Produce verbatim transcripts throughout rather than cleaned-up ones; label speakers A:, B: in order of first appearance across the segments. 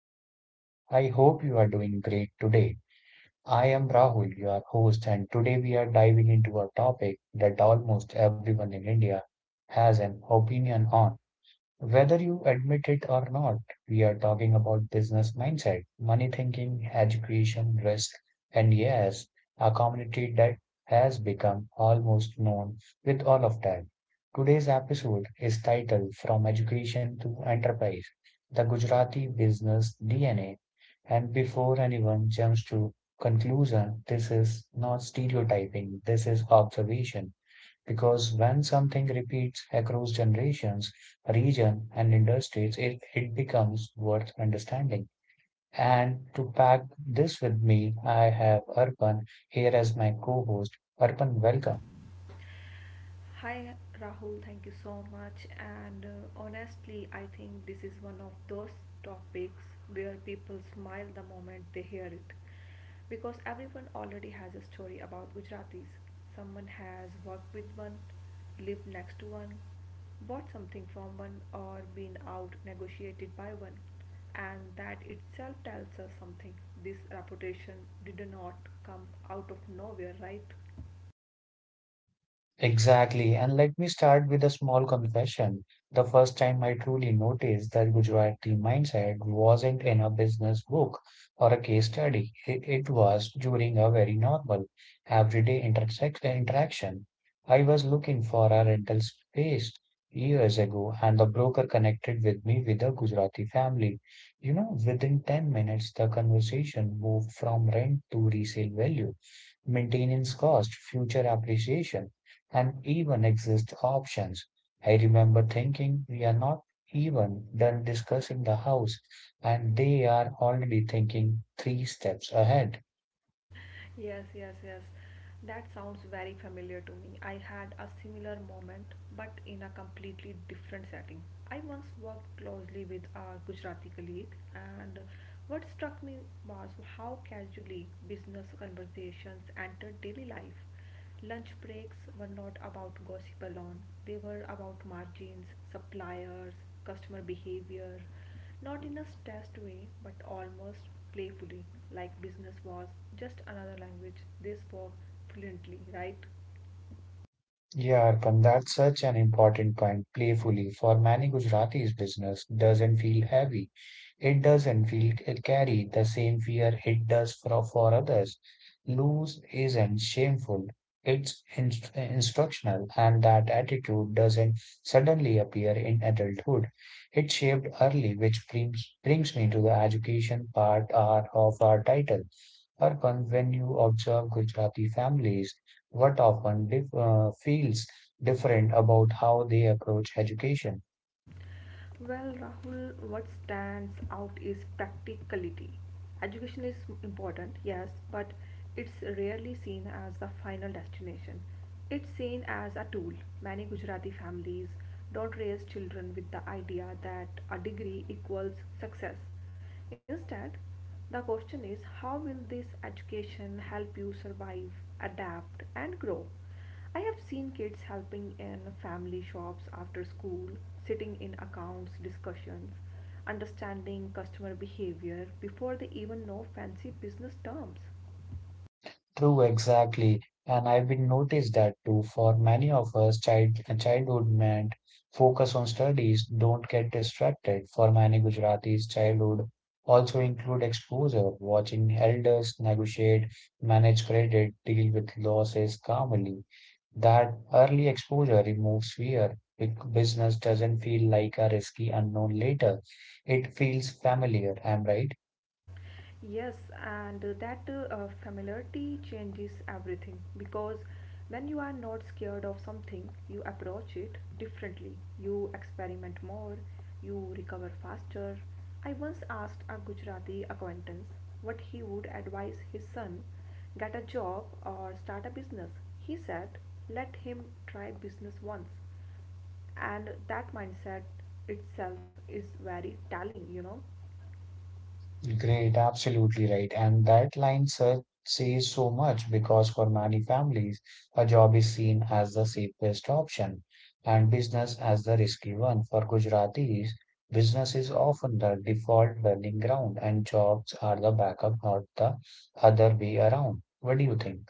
A: the podcast. I hope you are doing great today. I am Rahul, your host, and today we are diving into a topic that almost everyone in India has an opinion on. Whether you admit it or not, we are talking about business mindset, money thinking, education, risk, and yes, a community that has become almost known with all of that. Today's episode is titled From Education to Enterprise, The Gujarati Business D N A. And before anyone jumps to conclusion, this is not stereotyping, this is observation. Because when something repeats across generations, region, and industries, it, it becomes worth understanding. And to pack this with me, I have Arpan here as my co host. Arpan, welcome.
B: Hi Rahul, thank you so much. And uh, honestly, I think this is one of those topics where people smile the moment they hear it. Because everyone already has a story about Gujaratis. Someone has worked with one, lived next to one, bought something from one, or been out negotiated by one. And that itself tells us something. This reputation did not come out of nowhere, right?
A: Exactly. And let me start with a small confession. The first time I truly noticed that Gujarati mindset wasn't in a business book or a case study. I- It was during a very normal, everyday intersect interaction. I was looking for a rental space years ago, and the broker connected with me with a Gujarati family. You know, within ten minutes, the conversation moved from rent to resale value, maintenance cost, future appreciation, and even exist options. I remember thinking we are not even done discussing the house and they are already thinking three steps ahead.
B: Yes, yes, yes. That sounds very familiar to me. I had a similar moment, but in a completely different setting. I once worked closely with a Gujarati colleague, and what struck me was how casually business conversations entered daily life. Lunch breaks were not about gossip alone, they were about margins, suppliers, customer behavior, not in a stressed way but almost playfully, like business was just another language they spoke fluently, right?
A: Yeah, Arpan, that's such an important point. Playfully, for many Gujaratis, business doesn't feel heavy. It doesn't feel carry the same fear it does for, for others. Lose isn't shameful. It's inst- instructional, and that attitude doesn't suddenly appear in adulthood. It's shaped early, which brings, brings me to the education part our, of our title. Urban, when you observe Gujarati families, what often dif- uh, feels different about how they approach education?
B: Well, Rahul, what stands out is practicality. Education is important, yes, but it's rarely seen as the final destination. It's seen as a tool. Many Gujarati families don't raise children with the idea that a degree equals success. Instead, the question is how will this education help you survive, adapt, and grow? I have seen kids helping in family shops after school, sitting in accounts discussions, understanding customer behavior before they even know fancy business terms.
A: True, exactly. And I've been noticed that too. For many of us, child childhood meant focus on studies, don't get distracted. For many Gujaratis, childhood also include exposure, watching elders negotiate, manage credit, deal with losses calmly. That early exposure removes fear. Big business doesn't feel like a risky unknown later. It feels familiar, am I right?
B: Yes, and uh, that uh, uh, familiarity changes everything because when you are not scared of something, you approach it differently. You experiment more, you recover faster. I once asked a Gujarati acquaintance what he would advise his son, get a job or start a business. He said, let him try business once, and that mindset itself is very telling, you know?
A: Great, absolutely right. And that line sa- says so much because for many families, a job is seen as the safest option and business as the risky one. For Gujaratis, business is often the default learning ground and jobs are the backup, not the other way around. What do you think?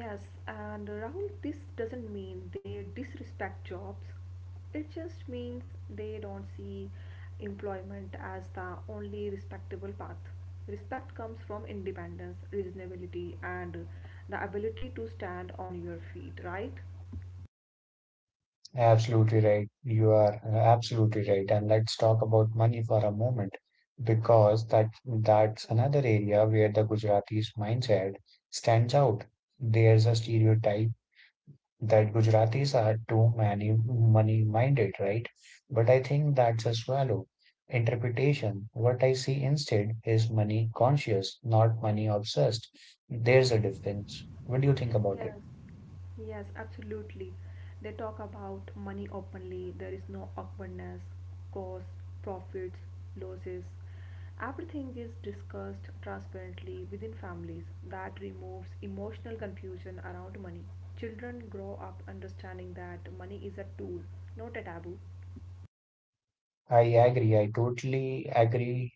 B: Yes, and Rahul, this doesn't mean they disrespect jobs. It just means they don't see employment as the only respectable path. Respect comes from independence, reasonability, and the ability to stand on your feet, right?
A: Absolutely right. You are uh, absolutely right. And let's talk about money for a moment, because that that's another area where the Gujaratis mindset stands out. There's a stereotype that Gujaratis are too many money-minded, right? But I think that's a shallow interpretation. What I see instead is money conscious, not money obsessed. There's a difference. What do you think about it?
B: Yes, yes, absolutely. They talk about money openly. There is no awkwardness, costs, profits, losses. Everything is discussed transparently within families. That removes emotional confusion around money. Children grow up understanding that money is a tool, not a taboo.
A: I agree. I totally agree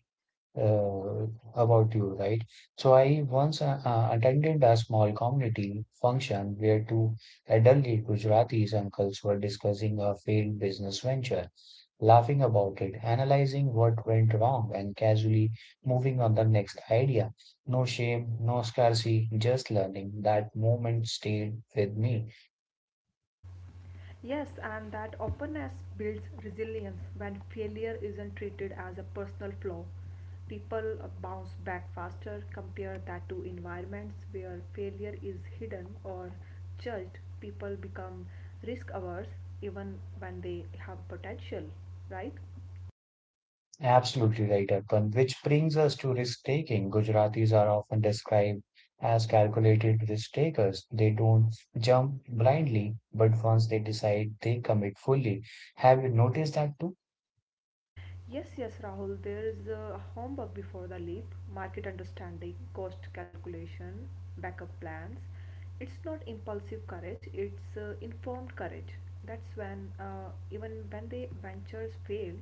A: uh, about you, right? So I once uh, uh, attended a small community function where two elderly Gujaratis uncles were discussing a failed business venture, laughing about it, analyzing what went wrong, and casually moving on the next idea. No shame, no scarcity, just learning. That moment stayed with me.
B: Yes, and that openness builds resilience when failure isn't treated as a personal flaw. People uh, bounce back faster, compare that to environments where failure is hidden or judged. People become risk averse even when they have potential, right?
A: Absolutely right, Arpan. Which brings us to risk taking. Gujaratis are often described as calculated risk takers. They don't jump blindly, but once they decide, they commit fully. Have you noticed that too?
B: Yes, yes, Rahul, there is a homework before the leap, market understanding, cost calculation, backup plans. It's not impulsive courage, it's uh, informed courage. That's when, uh, even when the ventures fail,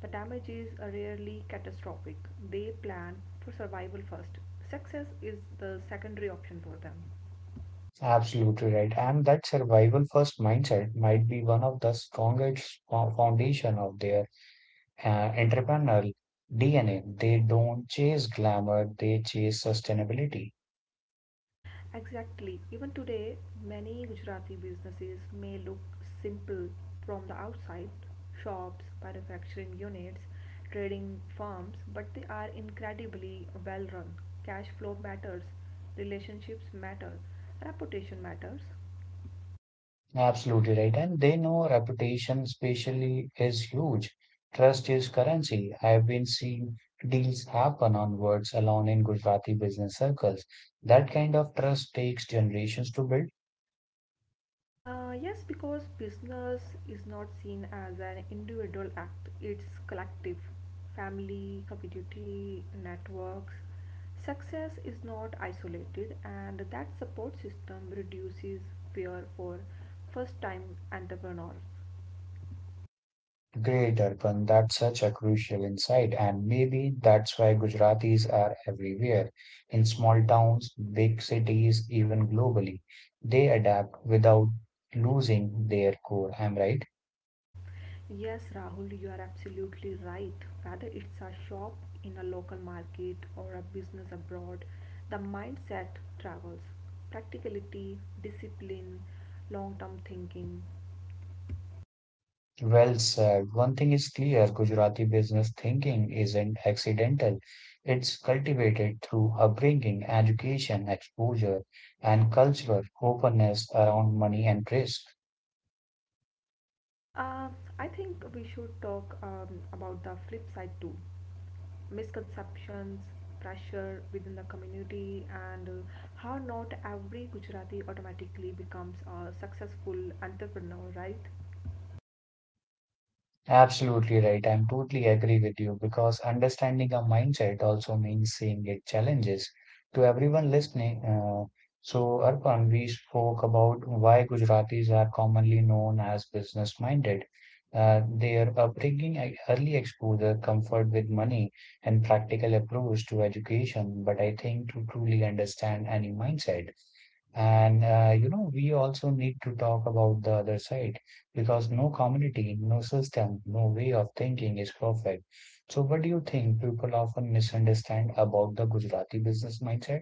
B: the damage is uh, rarely catastrophic. They plan for survival first. Success is the secondary option for them.
A: Absolutely right. And that survival first mindset might be one of the strongest fo- foundation of their uh, entrepreneurial D N A. They don't chase glamour, they chase sustainability.
B: Exactly. Even today, many Gujarati businesses may look simple from the outside, shops, manufacturing units, trading firms, but they are incredibly well run. Cash flow matters, relationships matter, reputation matters.
A: Absolutely right. And they know reputation, especially, is huge. Trust is currency. I have been seeing deals happen on words alone in Gujarati business circles. That kind of trust takes generations to build.
B: Uh, yes, because business is not seen as an individual act, it's collective. Family, community, networks. Success is not isolated, and that support system reduces fear for first time entrepreneurs.
A: Great, Arpan. That's such a crucial insight. And maybe that's why Gujaratis are everywhere, in small towns, big cities, even globally. They adapt without losing their core. I'm right.
B: Yes, Rahul, you are absolutely right. Whether it's a shop in a local market or a business abroad, the mindset travels. Practicality, discipline, long term thinking.
A: Well said. One thing is clear, Gujarati business thinking isn't accidental. It's cultivated through upbringing, education, exposure, and cultural openness around money and risk.
B: Uh, I think we should talk um, about the flip side too, misconceptions, pressure within the community, and uh, how not every Gujarati automatically becomes a successful entrepreneur, right?
A: Absolutely right. I'm totally agree with you because understanding a mindset also means seeing its challenges. To everyone listening, uh, so Arpan, we spoke about why Gujaratis are commonly known as business-minded. Uh, their upbringing, e- early exposure, comfort with money, and practical approach to education. But I think to truly understand any mindset. And uh, you know, we also need to talk about the other side because no community, no system, no way of thinking is perfect. So, what do you think people often misunderstand about the Gujarati business mindset?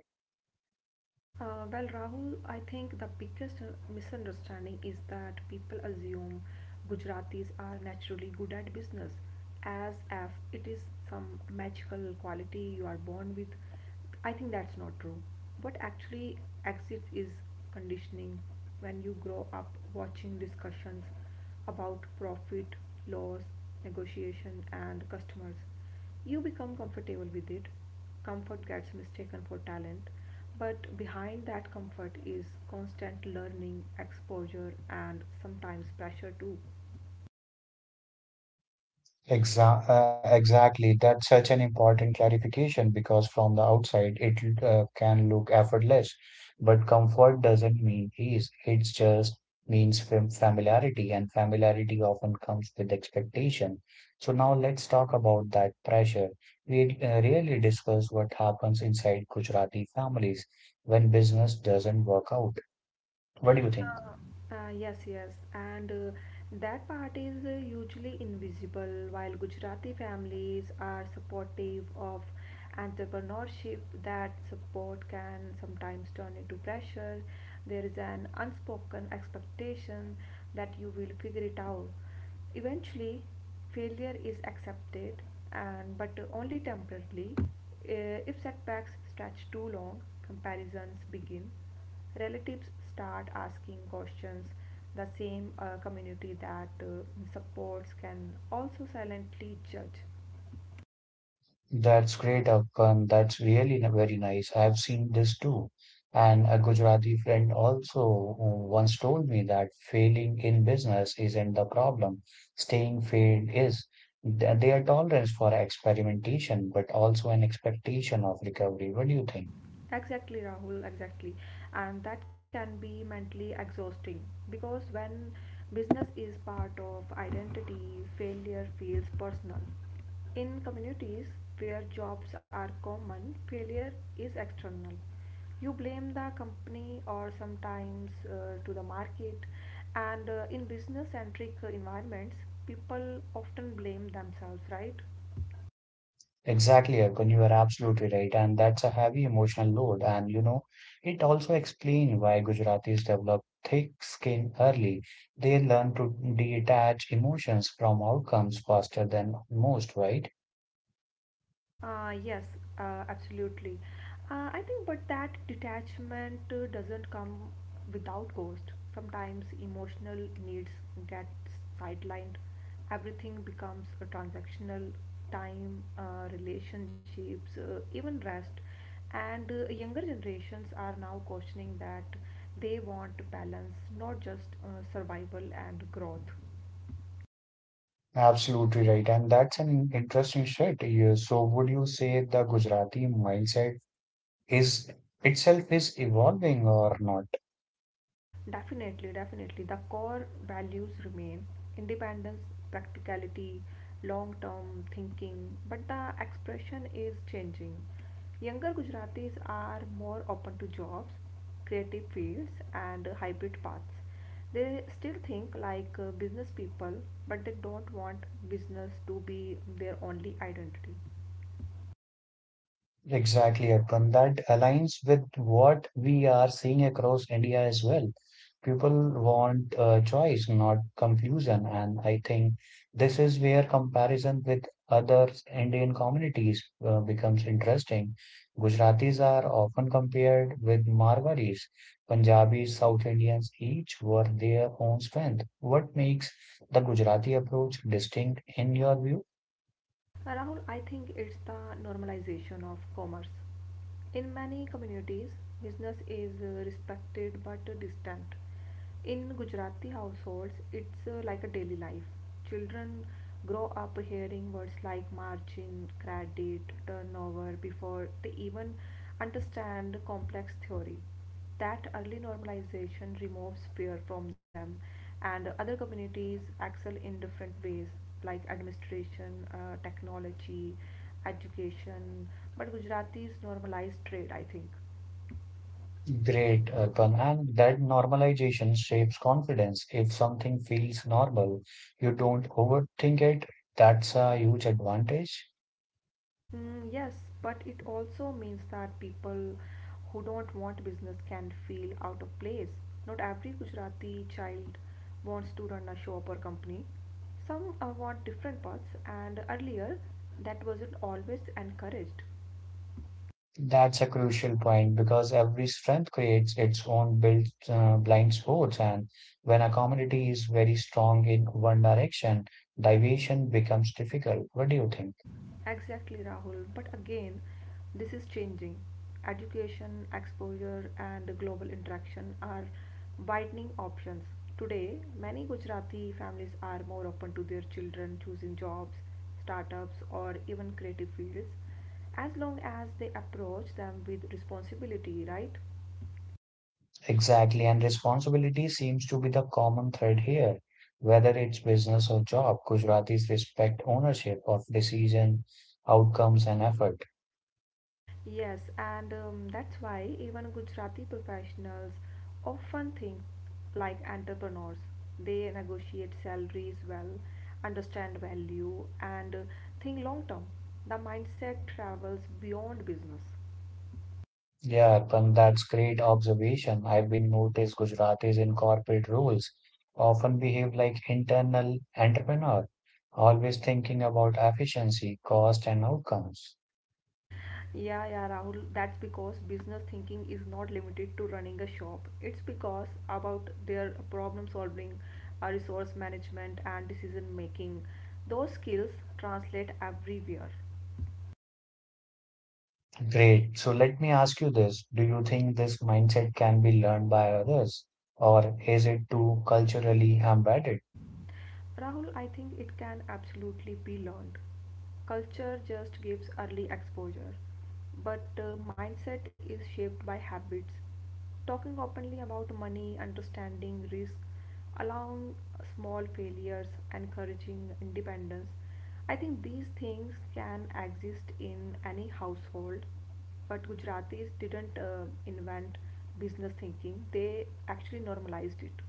B: Uh, well, Rahul, I think the biggest uh, misunderstanding is that people assume Gujaratis are naturally good at business, as if it is some magical quality you are born with. I think that's not true. What actually exists is conditioning, when you grow up watching discussions about profit, loss, negotiation, and customers. You become comfortable with it, comfort gets mistaken for talent, but behind that comfort is constant learning, exposure, and sometimes pressure too.
A: Exa- uh, exactly. That's such an important clarification because from the outside it uh, can look effortless, but comfort doesn't mean ease. It just means fam- familiarity, and familiarity often comes with expectation. So now let's talk about that pressure. We uh, really discuss what happens inside Gujarati families when business doesn't work out. What do you think?
B: Uh, uh, yes, yes, and uh, That part is uh, usually invisible. While Gujarati families are supportive of entrepreneurship, that support can sometimes turn into pressure. There is an unspoken expectation that you will figure it out. Eventually, failure is accepted, and but only temporarily. Uh, if setbacks stretch too long, comparisons begin, relatives start asking questions, the same uh, community that uh, supports can also silently judge.
A: That's great, Afghan. That's really n- very nice. I've seen this too. And a Gujarati friend also uh, once told me that failing in business isn't the problem. Staying failed is. Th- Their tolerance for experimentation, but also an expectation of recovery. What do you think?
B: Exactly, Rahul, exactly. And that can be mentally exhausting because when business is part of identity, failure feels personal. In communities where jobs are common, failure is external. You blame the company or sometimes uh, to the market, and uh, in business centric environments, people often blame themselves, right?
A: Exactly, Akon, you are absolutely right. And that's a heavy emotional load. And you know, it also explains why Gujaratis develop thick skin early. They learn to detach emotions from outcomes faster than most, right?
B: Uh, yes, uh, absolutely. Uh, I think, but that detachment uh, doesn't come without cost. Sometimes emotional needs get sidelined. Everything becomes a transactional time, uh, relationships, uh, even rest. And uh, younger generations are now questioning that, they want balance, not just uh, survival and growth.
A: Absolutely right. And that's an interesting shift. Yeah, so would you say the Gujarati mindset is itself is evolving or not?
B: Definitely, definitely. The core values remain independence, practicality, long term thinking, but the expression is changing. Younger Gujaratis are more open to jobs, creative fields, and hybrid paths. They still think like uh, business people, but they don't want business to be their only identity.
A: Exactly, Arpan. That aligns with what we are seeing across India as well. People want uh, choice, not confusion. And I think this is where comparison with other Indian communities uh, becomes interesting. Gujaratis are often compared with Marwaris, Punjabis, South Indians, each were their own strength. What makes the Gujarati approach distinct in your view?
B: Uh, Rahul, I think it's the normalization of commerce. In many communities, business is uh, respected but uh, distant. In Gujarati households, it's uh, like a daily life. Children grow up hearing words like margin, credit, turnover before they even understand complex theory. That early normalization removes fear from them, and other communities excel in different ways, like administration, uh, technology, education. But Gujaratis normalize trade, I think.
A: Great, Arpan. And that normalization shapes confidence. If something feels normal, you don't overthink it. That's a huge advantage.
B: Mm, yes, but it also means that people who don't want business can feel out of place. Not every Gujarati child wants to run a shop or company. Some uh, want different paths, and earlier that wasn't always encouraged.
A: That's a crucial point because every strength creates its own built, uh, blind spots. And when a community is very strong in one direction, deviation becomes difficult. What do you think?
B: Exactly, Rahul. But again, this is changing. Education, exposure, and global interaction are widening options. Today, many Gujarati families are more open to their children choosing jobs, startups, or even creative fields, as long as they approach them with responsibility, right?
A: Exactly, and responsibility seems to be the common thread here. Whether it's business or job, Gujaratis respect ownership of decision, outcomes, and effort.
B: Yes, and um, that's why even Gujarati professionals often think like entrepreneurs. They negotiate salaries well, understand value, and uh, think long term. The mindset travels beyond business.
A: Yeah, Arpan, that's great observation. I've been noticed Gujaratis in corporate roles often behave like internal entrepreneur, always thinking about efficiency, cost, and outcomes.
B: Yeah, yeah, Rahul, that's because business thinking is not limited to running a shop. It's because about their problem solving, uh, resource management, and decision making. Those skills translate everywhere.
A: Great. So let me ask you this. Do you think this mindset can be learned by others, or is it too culturally embedded?
B: Rahul, I think it can absolutely be learned. Culture just gives early exposure, but uh, mindset is shaped by habits. Talking openly about money, understanding risk, allowing small failures, encouraging independence. I think these things can exist in any household, but Gujaratis didn't uh, invent business thinking, they actually normalized it.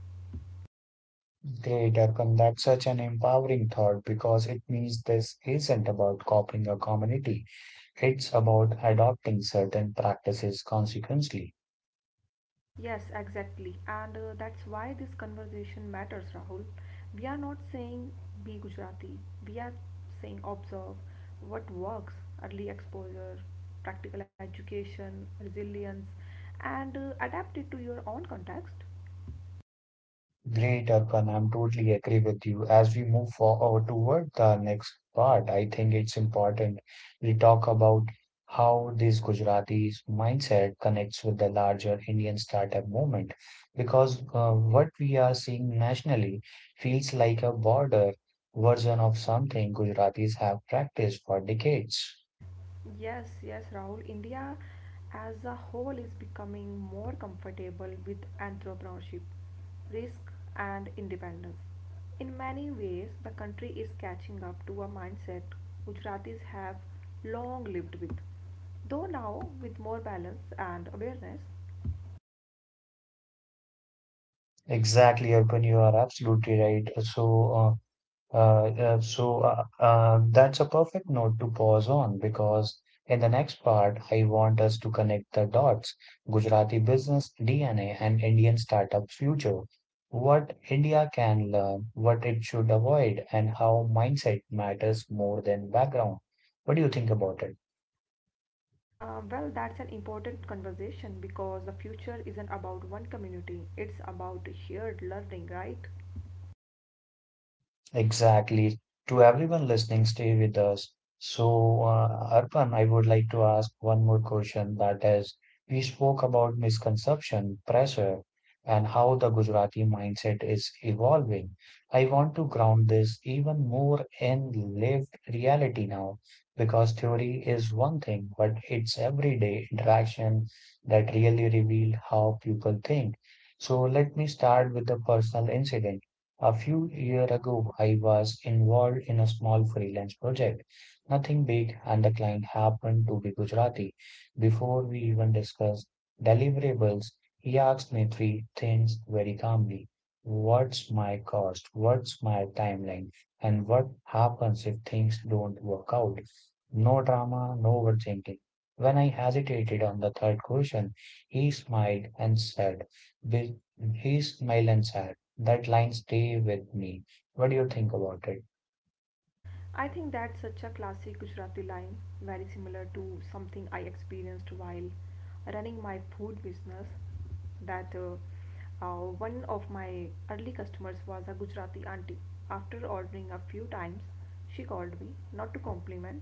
A: Great, Arpan, that's such an empowering thought because it means this isn't about copying a community. It's about adopting certain practices consequently.
B: Yes, exactly. And uh, that's why this conversation matters, Rahul. We are not saying be Gujarati. We are saying observe what works, early exposure, practical education, resilience, and uh, adapt it to your own context.
A: Great, Arpan. I'm totally agree with you. As we move forward toward the next part, I think it's important we talk about how this Gujarati's mindset connects with the larger Indian startup movement, because uh, what we are seeing nationally feels like a broader version of something Gujaratis have practiced for decades.
B: Yes, yes, Rahul. India as a whole is becoming more comfortable with entrepreneurship, risk, and independence. In many ways, the country is catching up to a mindset Gujaratis have long lived with. Though now, with more balance and awareness,
A: Exactly, Arpan, you are absolutely right. So, uh, Uh, yeah, so uh, uh, that's a perfect note to pause on because in the next part, I want us to connect the dots, Gujarati business D N A and Indian startup future, what India can learn, what it should avoid, and how mindset matters more than background. What do you think about it?
B: uh, well, that's an important conversation because the future isn't about one community, it's about shared learning, right?
A: Exactly. To everyone listening, stay with us. So, uh, Arpan, I would like to ask one more question. That is, we spoke about misconception, pressure, and how the Gujarati mindset is evolving. I want to ground this even more in lived reality now, because theory is one thing, but it's everyday interaction that really revealed how people think. So, let me start with a personal incident. A few years ago, I was involved in a small freelance project, nothing big, and the client happened to be Gujarati. Before we even discussed deliverables, he asked me three things very calmly. What's my cost? What's my timeline? And what happens if things don't work out? No drama, no overthinking. When I hesitated on the third question, he smiled and said, "Bil- he smiled and said, that line stay with me. What do you think about it?
B: I think that's such a classic Gujarati line, very similar to something I experienced while running my food business. That uh, uh, One of my early customers was a Gujarati auntie. After ordering a few times, she called me not to compliment,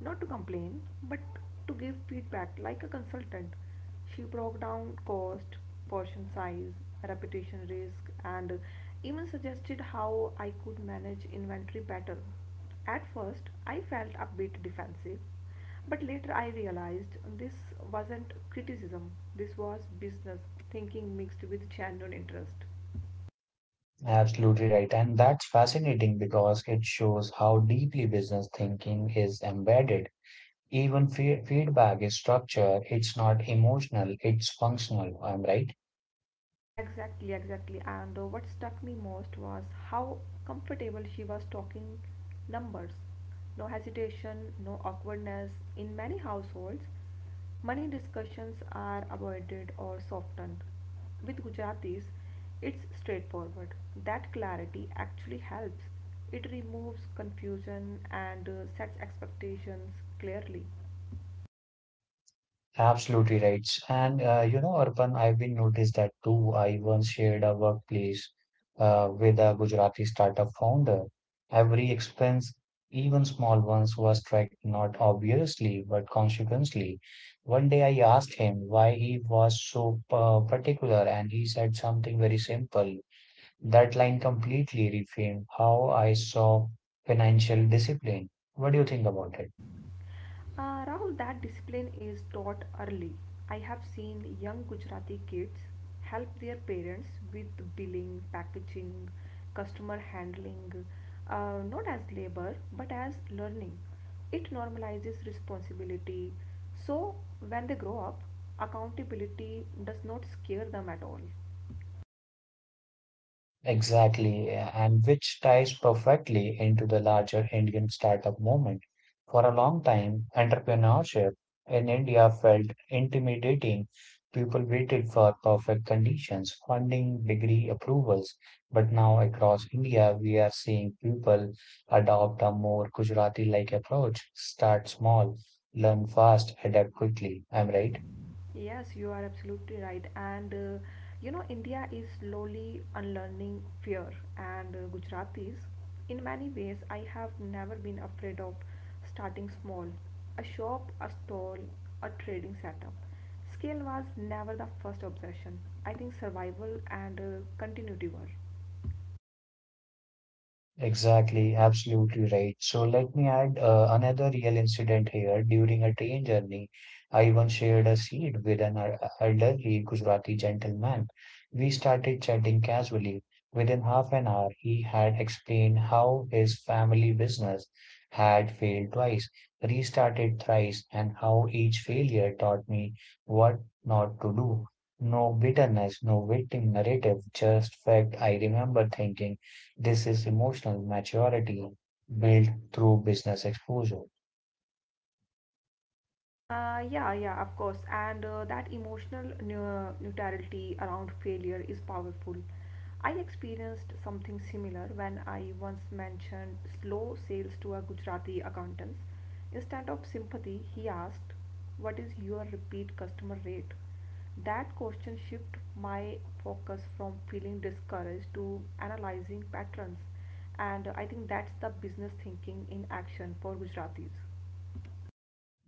B: not to complain, but to give feedback like a consultant. She broke down cost, portion size, reputation risk, and even suggested how I could manage inventory better. At first, I felt a bit defensive, but later I realized this wasn't criticism, this was business thinking mixed with genuine interest.
A: Absolutely right. And that's fascinating because it shows how deeply business thinking is embedded. Even fe feedback is structured. It's not emotional, it's functional. I'm right.
B: Exactly, exactly. And uh, what struck me most was how comfortable she was talking numbers. No hesitation, no awkwardness. In many households, money discussions are avoided or softened. With Gujaratis, it's straightforward. That clarity actually helps. It removes confusion and uh, sets expectations clearly.
A: Absolutely right. And uh, you know, Arpan, I've been noticed that too. I once shared a workplace uh, with a Gujarati startup founder. Every expense, even small ones, was tracked not obviously, but consequently. One day I asked him why he was so uh, particular, and he said something very simple. That line completely reframed how I saw financial discipline. What do you think about it?
B: Uh, Rahul, that discipline is taught early. I have seen young Gujarati kids help their parents with billing, packaging, customer handling, uh, not as labor but as learning. It normalizes responsibility. So, when they grow up, accountability does not scare them at all.
A: Exactly, yeah, and which ties perfectly into the larger Indian startup movement. For a long time, entrepreneurship in India felt intimidating. People waited for perfect conditions, funding, degree approvals. But now, across India, we are seeing people adopt a more Gujarati-like approach. Start small, learn fast, adapt quickly. Am I right?
B: Yes, you are absolutely right. And uh, you know, India is slowly unlearning fear, and uh, Gujaratis, in many ways, I have never been afraid of starting small. A shop, a stall, a trading setup. Scale was never the first obsession. I think survival and uh, continuity were.
A: Exactly, absolutely right. So let me add uh, another real incident here. During a train journey, I once shared a seat with an el- elderly Gujarati gentleman. We started chatting casually. Within half an hour, he had explained how his family business had failed twice, restarted thrice, and how each failure taught me what not to do. No bitterness, no victim narrative, just fact. I remember thinking. This is emotional maturity built through business exposure.
B: Uh, yeah, yeah, of course. And uh, that emotional neu- neutrality around failure is powerful. I experienced something similar when I once mentioned slow sales to a Gujarati accountant. Instead of sympathy, he asked, what is your repeat customer rate? That question shifted my focus from feeling discouraged to analyzing patterns. And uh, I think that's the business thinking in action for Gujaratis.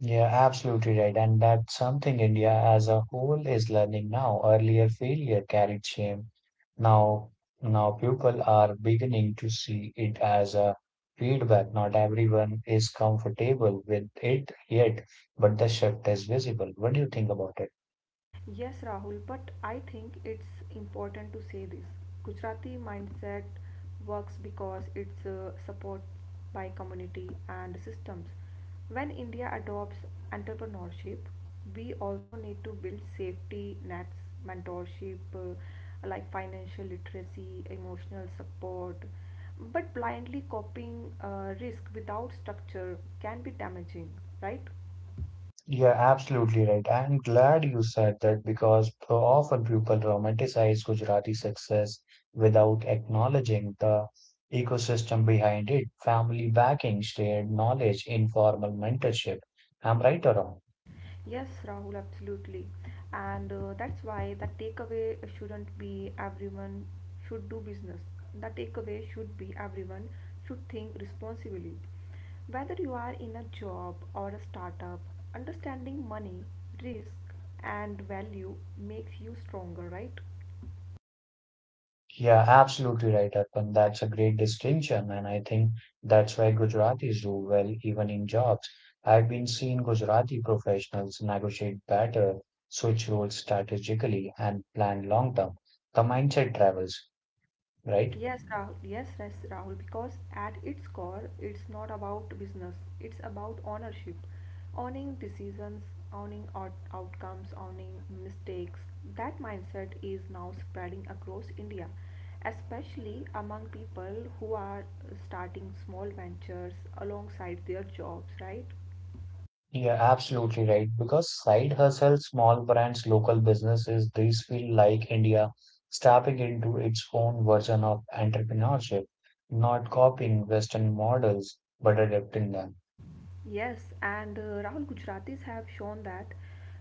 A: Yeah, absolutely right. And that's something India as a whole is learning now. Earlier failure carried shame. Now, now people are beginning to see it as a feedback. Not everyone is comfortable with it yet, but the shift is visible. What do you think about it?
B: Yes, Rahul, but I think it's important to say this. Gujarati mindset works because it's uh, supported by community and systems. When India adopts entrepreneurship, we also need to build safety nets, mentorship, uh, like financial literacy, emotional support. But blindly copying uh, risk without structure can be damaging, right?
A: Yeah, absolutely right. I'm glad you said that because p- often people romanticize Gujarati success without acknowledging the ecosystem behind it, family backing, shared knowledge, informal mentorship. I'm right or wrong?
B: Yes, Rahul, absolutely. And uh, that's why the takeaway shouldn't be everyone should do business. The takeaway should be everyone should think responsibly. Whether you are in a job or a startup, understanding money, risk, and value makes you stronger, right?
A: Yeah, absolutely right, Arpan. That's a great distinction, and I think that's why Gujaratis do well even in jobs. I've been seeing Gujarati professionals negotiate better, switch roles strategically, and plan long term. The mindset travels, right?
B: Yes, Rahul. Yes, yes, Rahul. Because at its core, it's not about business. It's about ownership, owning decisions, owning out- outcomes, owning mistakes. That mindset is now spreading across India, especially among people who are starting small ventures alongside their jobs. Right?
A: Yeah, absolutely right. Because side hustle, small brands, local businesses, these feel like India stepping into its own version of entrepreneurship, not copying Western models, but adapting them.
B: Yes, and uh, Rahul, Gujaratis have shown that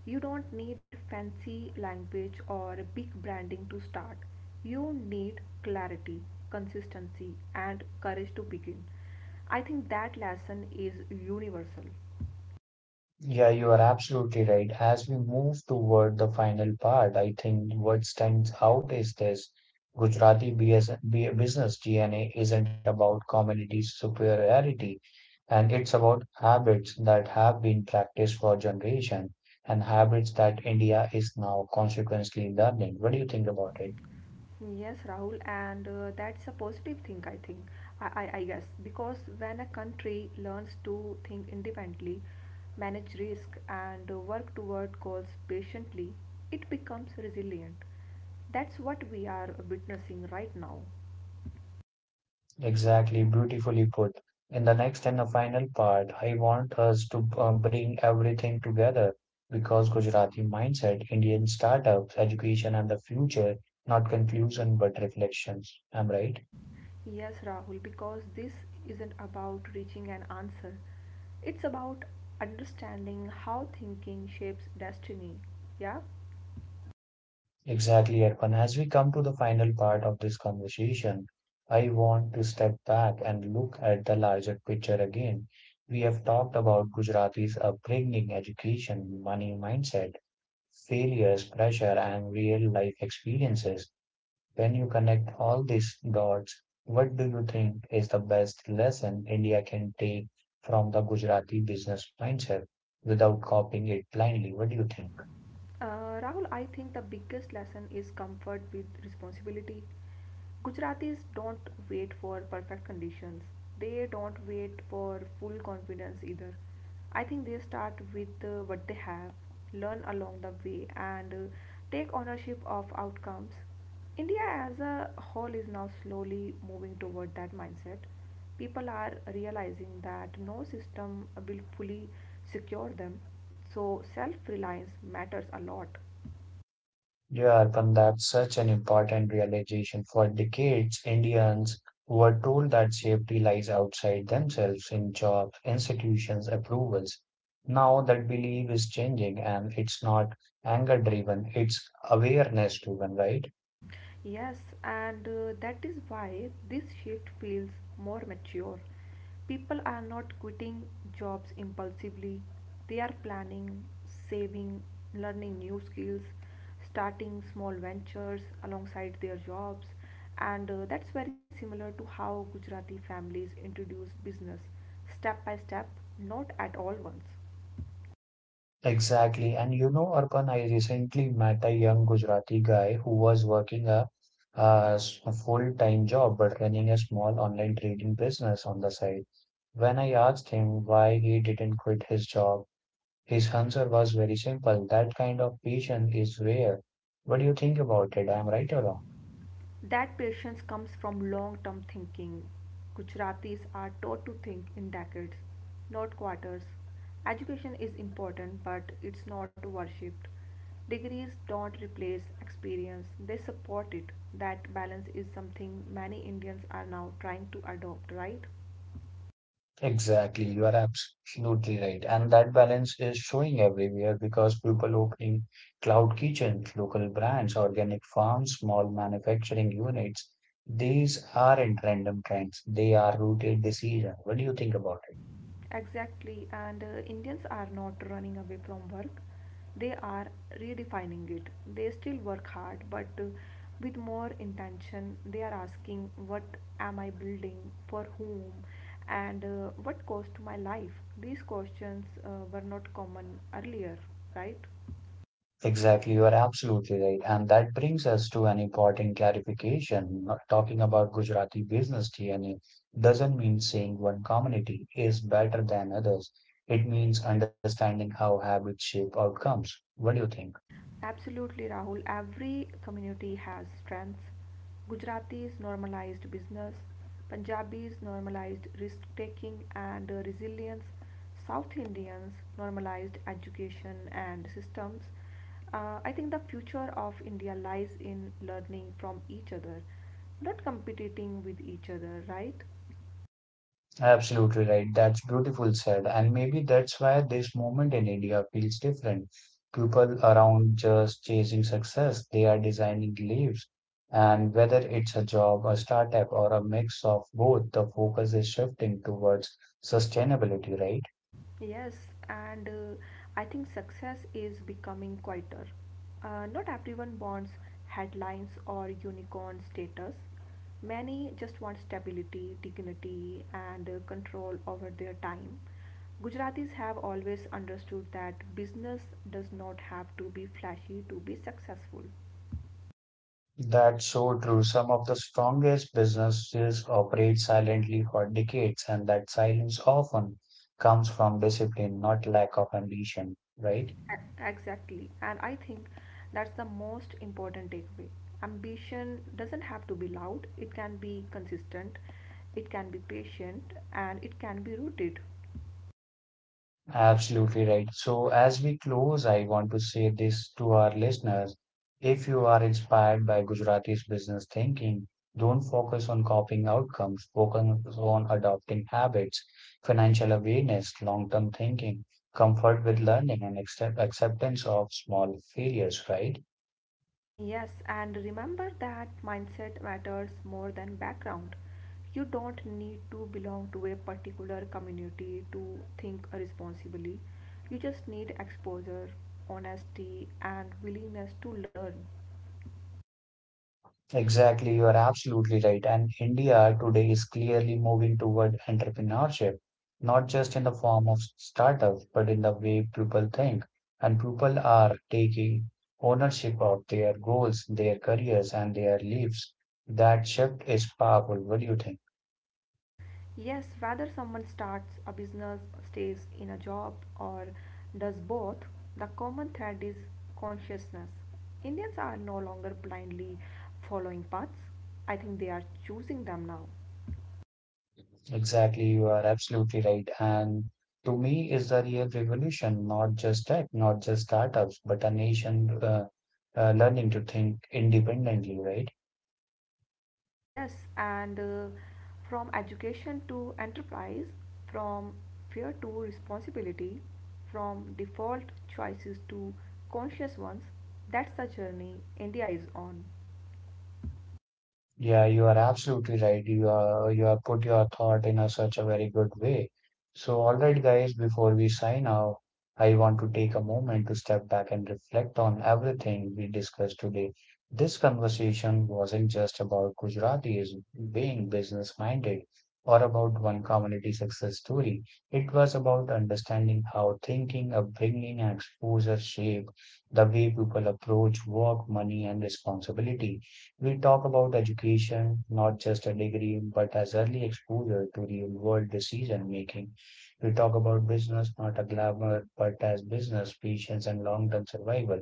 B: you don't need fancy language or big branding to start. You need clarity, consistency, and courage to begin. I think that lesson is universal.
A: Yeah, you are absolutely right. As we move toward the final part, I think what stands out is this Gujarati BS, B- business D N A isn't about community superiority, and it's about habits that have been practiced for generations and habits that India is now consequently learning. What do you think about it?
B: Yes, Rahul, and uh, that's a positive thing, I think. I, I, I guess because when a country learns to think independently, manage risk, and uh, work toward goals patiently, it becomes resilient. That's what we are witnessing right now.
A: Exactly, beautifully put. In the next and the final part, I want us to uh, bring everything together because Gujarati mindset, Indian startups, education, and the future, not confusion but reflections. I'm right?
B: Yes, Rahul, because this isn't about reaching an answer, it's about understanding how thinking shapes destiny. Yeah?
A: Exactly, Erfan. As we come to the final part of this conversation, I want to step back and look at the larger picture again. We have talked about Gujarati's upbringing, education, money mindset failures, pressure, and real life experiences. When you connect all these dots, what do you think is the best lesson India can take from the Gujarati business mindset without copying it blindly? What do you think?
B: Uh, Rahul, I think the biggest lesson is comfort with responsibility. Gujaratis don't wait for perfect conditions. They don't wait for full confidence either. I think they start with uh, what they have, learn along the way, and uh, take ownership of outcomes. India as a whole is now slowly moving toward that mindset. People are realizing that no system will fully secure them, so self reliance matters a lot.
A: Yeah, Arpan, that's such an important realization. For decades, Indians were told that safety lies outside themselves in jobs, institutions, approvals. Now that belief is changing and it's not anger driven, it's awareness driven, right?
B: Yes, and uh, that is why this shift feels more mature. People are not quitting jobs impulsively, they are planning, saving, learning new skills, starting small ventures alongside their jobs, and uh, that's very similar to how Gujarati families introduce business step by step, not at all once.
A: Exactly. And you know, Arpan, I recently met a young Gujarati guy who was working a, a s- a full-time job but running a small online trading business on the side. When I asked him why he didn't quit his job, his answer was very simple. That kind of passion is rare. What do you think about it? I'm right or wrong?
B: That patience comes from long term thinking. Gujaratis are taught to think in decades, not quarters. Education is important, but it's not worshipped. Degrees don't replace experience, they support it. That balance is something many Indians are now trying to adopt, right?
A: Exactly, you are absolutely right. And that balance is showing everywhere because people opening cloud kitchens, local brands, organic farms, small manufacturing units. These aren't random trends. They are rooted this year. What do you think about it?
B: Exactly, and uh, Indians are not running away from work, they are redefining it. They still work hard, but uh, with more intention, they are asking, What am I building? For whom? And uh, what cost my life? These questions uh, were not common earlier, right?
A: Exactly, you are absolutely right. And that brings us to an important clarification. Not talking about Gujarati business D N A doesn't mean saying one community is better than others. It means understanding how habits shape outcomes. What do you think?
B: Absolutely, Rahul. Every community has strengths. Gujaratis normalized business, Punjabis normalized risk taking and uh, resilience, South Indians normalized education and systems. Uh, I think the future of India lies in learning from each other, not competing with each other, right?
A: Absolutely right. That's beautiful said. And maybe that's why this moment in India feels different. People around just chasing success, they are designing lives. And whether it's a job, a startup, or a mix of both, the focus is shifting towards sustainability, right?
B: Yes, and uh, I think success is becoming quieter. Uh, not everyone wants headlines or unicorn status. Many just want stability, dignity, and uh, control over their time. Gujaratis have always understood that business does not have to be flashy to be successful.
A: That's so true. Some of the strongest businesses operate silently for decades, and that silence often comes from discipline, not lack of ambition, right?
B: E- Exactly. And I think that's the most important takeaway. Ambition doesn't have to be loud, it can be consistent, it can be patient, and it can be rooted.
A: Absolutely right. So, as we close, I want to say this to our listeners. If you are inspired by Gujarati's business thinking, don't focus on copying outcomes, focus on adopting habits, financial awareness, long term thinking, comfort with learning, and accept- acceptance of small failures, right?
B: Yes, and remember that mindset matters more than background. You don't need to belong to a particular community to think responsibly. You just need exposure, honesty, and willingness to learn.
A: Exactly, you are absolutely right. And India today is clearly moving toward entrepreneurship, not just in the form of startups, but in the way people think. And people are taking ownership of their goals, their careers, and their lives. That shift is powerful. What do you think?
B: Yes, whether someone starts a business, stays in a job, or does both, the common thread is consciousness. Indians are no longer blindly following paths. I think they are choosing them now.
A: Exactly, you are absolutely right. And to me, is the real revolution, not just tech, not just startups, but a nation uh, uh, learning to think independently, right?
B: Yes, and uh, from education to enterprise, from fear to responsibility, from default choices to conscious ones, that's the journey India is on.
A: Yeah, you are absolutely right. You are, you have put your thought in a, such a very good way. So, all right, guys, before we sign off, I want to take a moment to step back and reflect on everything we discussed today. This conversation wasn't just about Gujaratis being business minded or about one community success story. It was about understanding how thinking, upbringing, and exposure shape the way people approach work, money, and responsibility. We talk about education, not just a degree, but as early exposure to real world decision making. We talk about business, not a glamour, but as business, patience, and long term survival.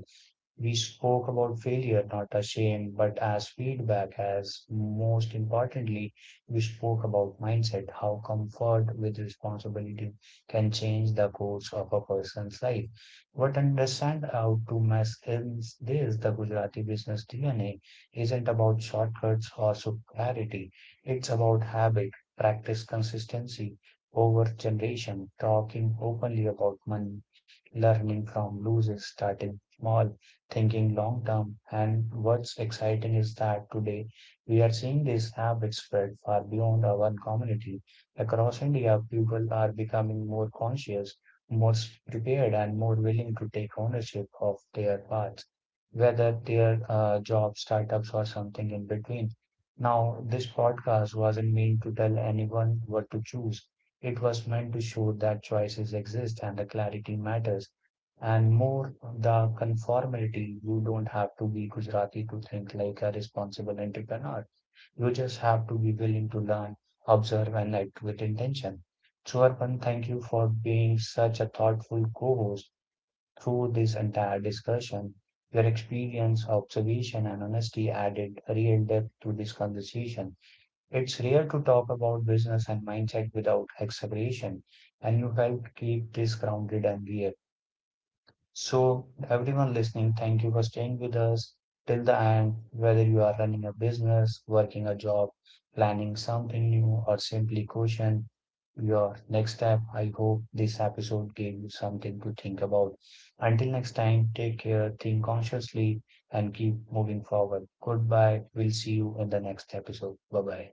A: We spoke about failure not as shame, but as feedback, as most importantly, we spoke about mindset, how comfort with responsibility can change the course of a person's life. What understand how to masculines this, the Gujarati business D N A, isn't about shortcuts or superiority. It's about habit, practice consistency over generation, talking openly about money, learning from losers, starting small thinking long term. And what's exciting is that today we are seeing this habit spread far beyond our own community. Across India, people are becoming more conscious, more prepared, and more willing to take ownership of their paths, whether their uh, jobs, startups, or something in between. Now, this podcast wasn't meant to tell anyone what to choose. It was meant to show that choices exist and the clarity matters and more the conformity. You don't have to be Gujarati to think like a responsible entrepreneur. You just have to be willing to learn, observe, and act with intention. So, Arpan, thank you for being such a thoughtful co-host through this entire discussion. Your experience, observation, and honesty added real depth to this conversation. It's rare to talk about business and mindset without exaggeration, and you helped keep this grounded and real. So, everyone listening, thank you for staying with us till the end. Whether you are running a business, working a job, planning something new, or simply question your next step, I hope this episode gave you something to think about. Until next time, take care, think consciously, and keep moving forward. Goodbye. We'll see you in the next episode. Bye bye.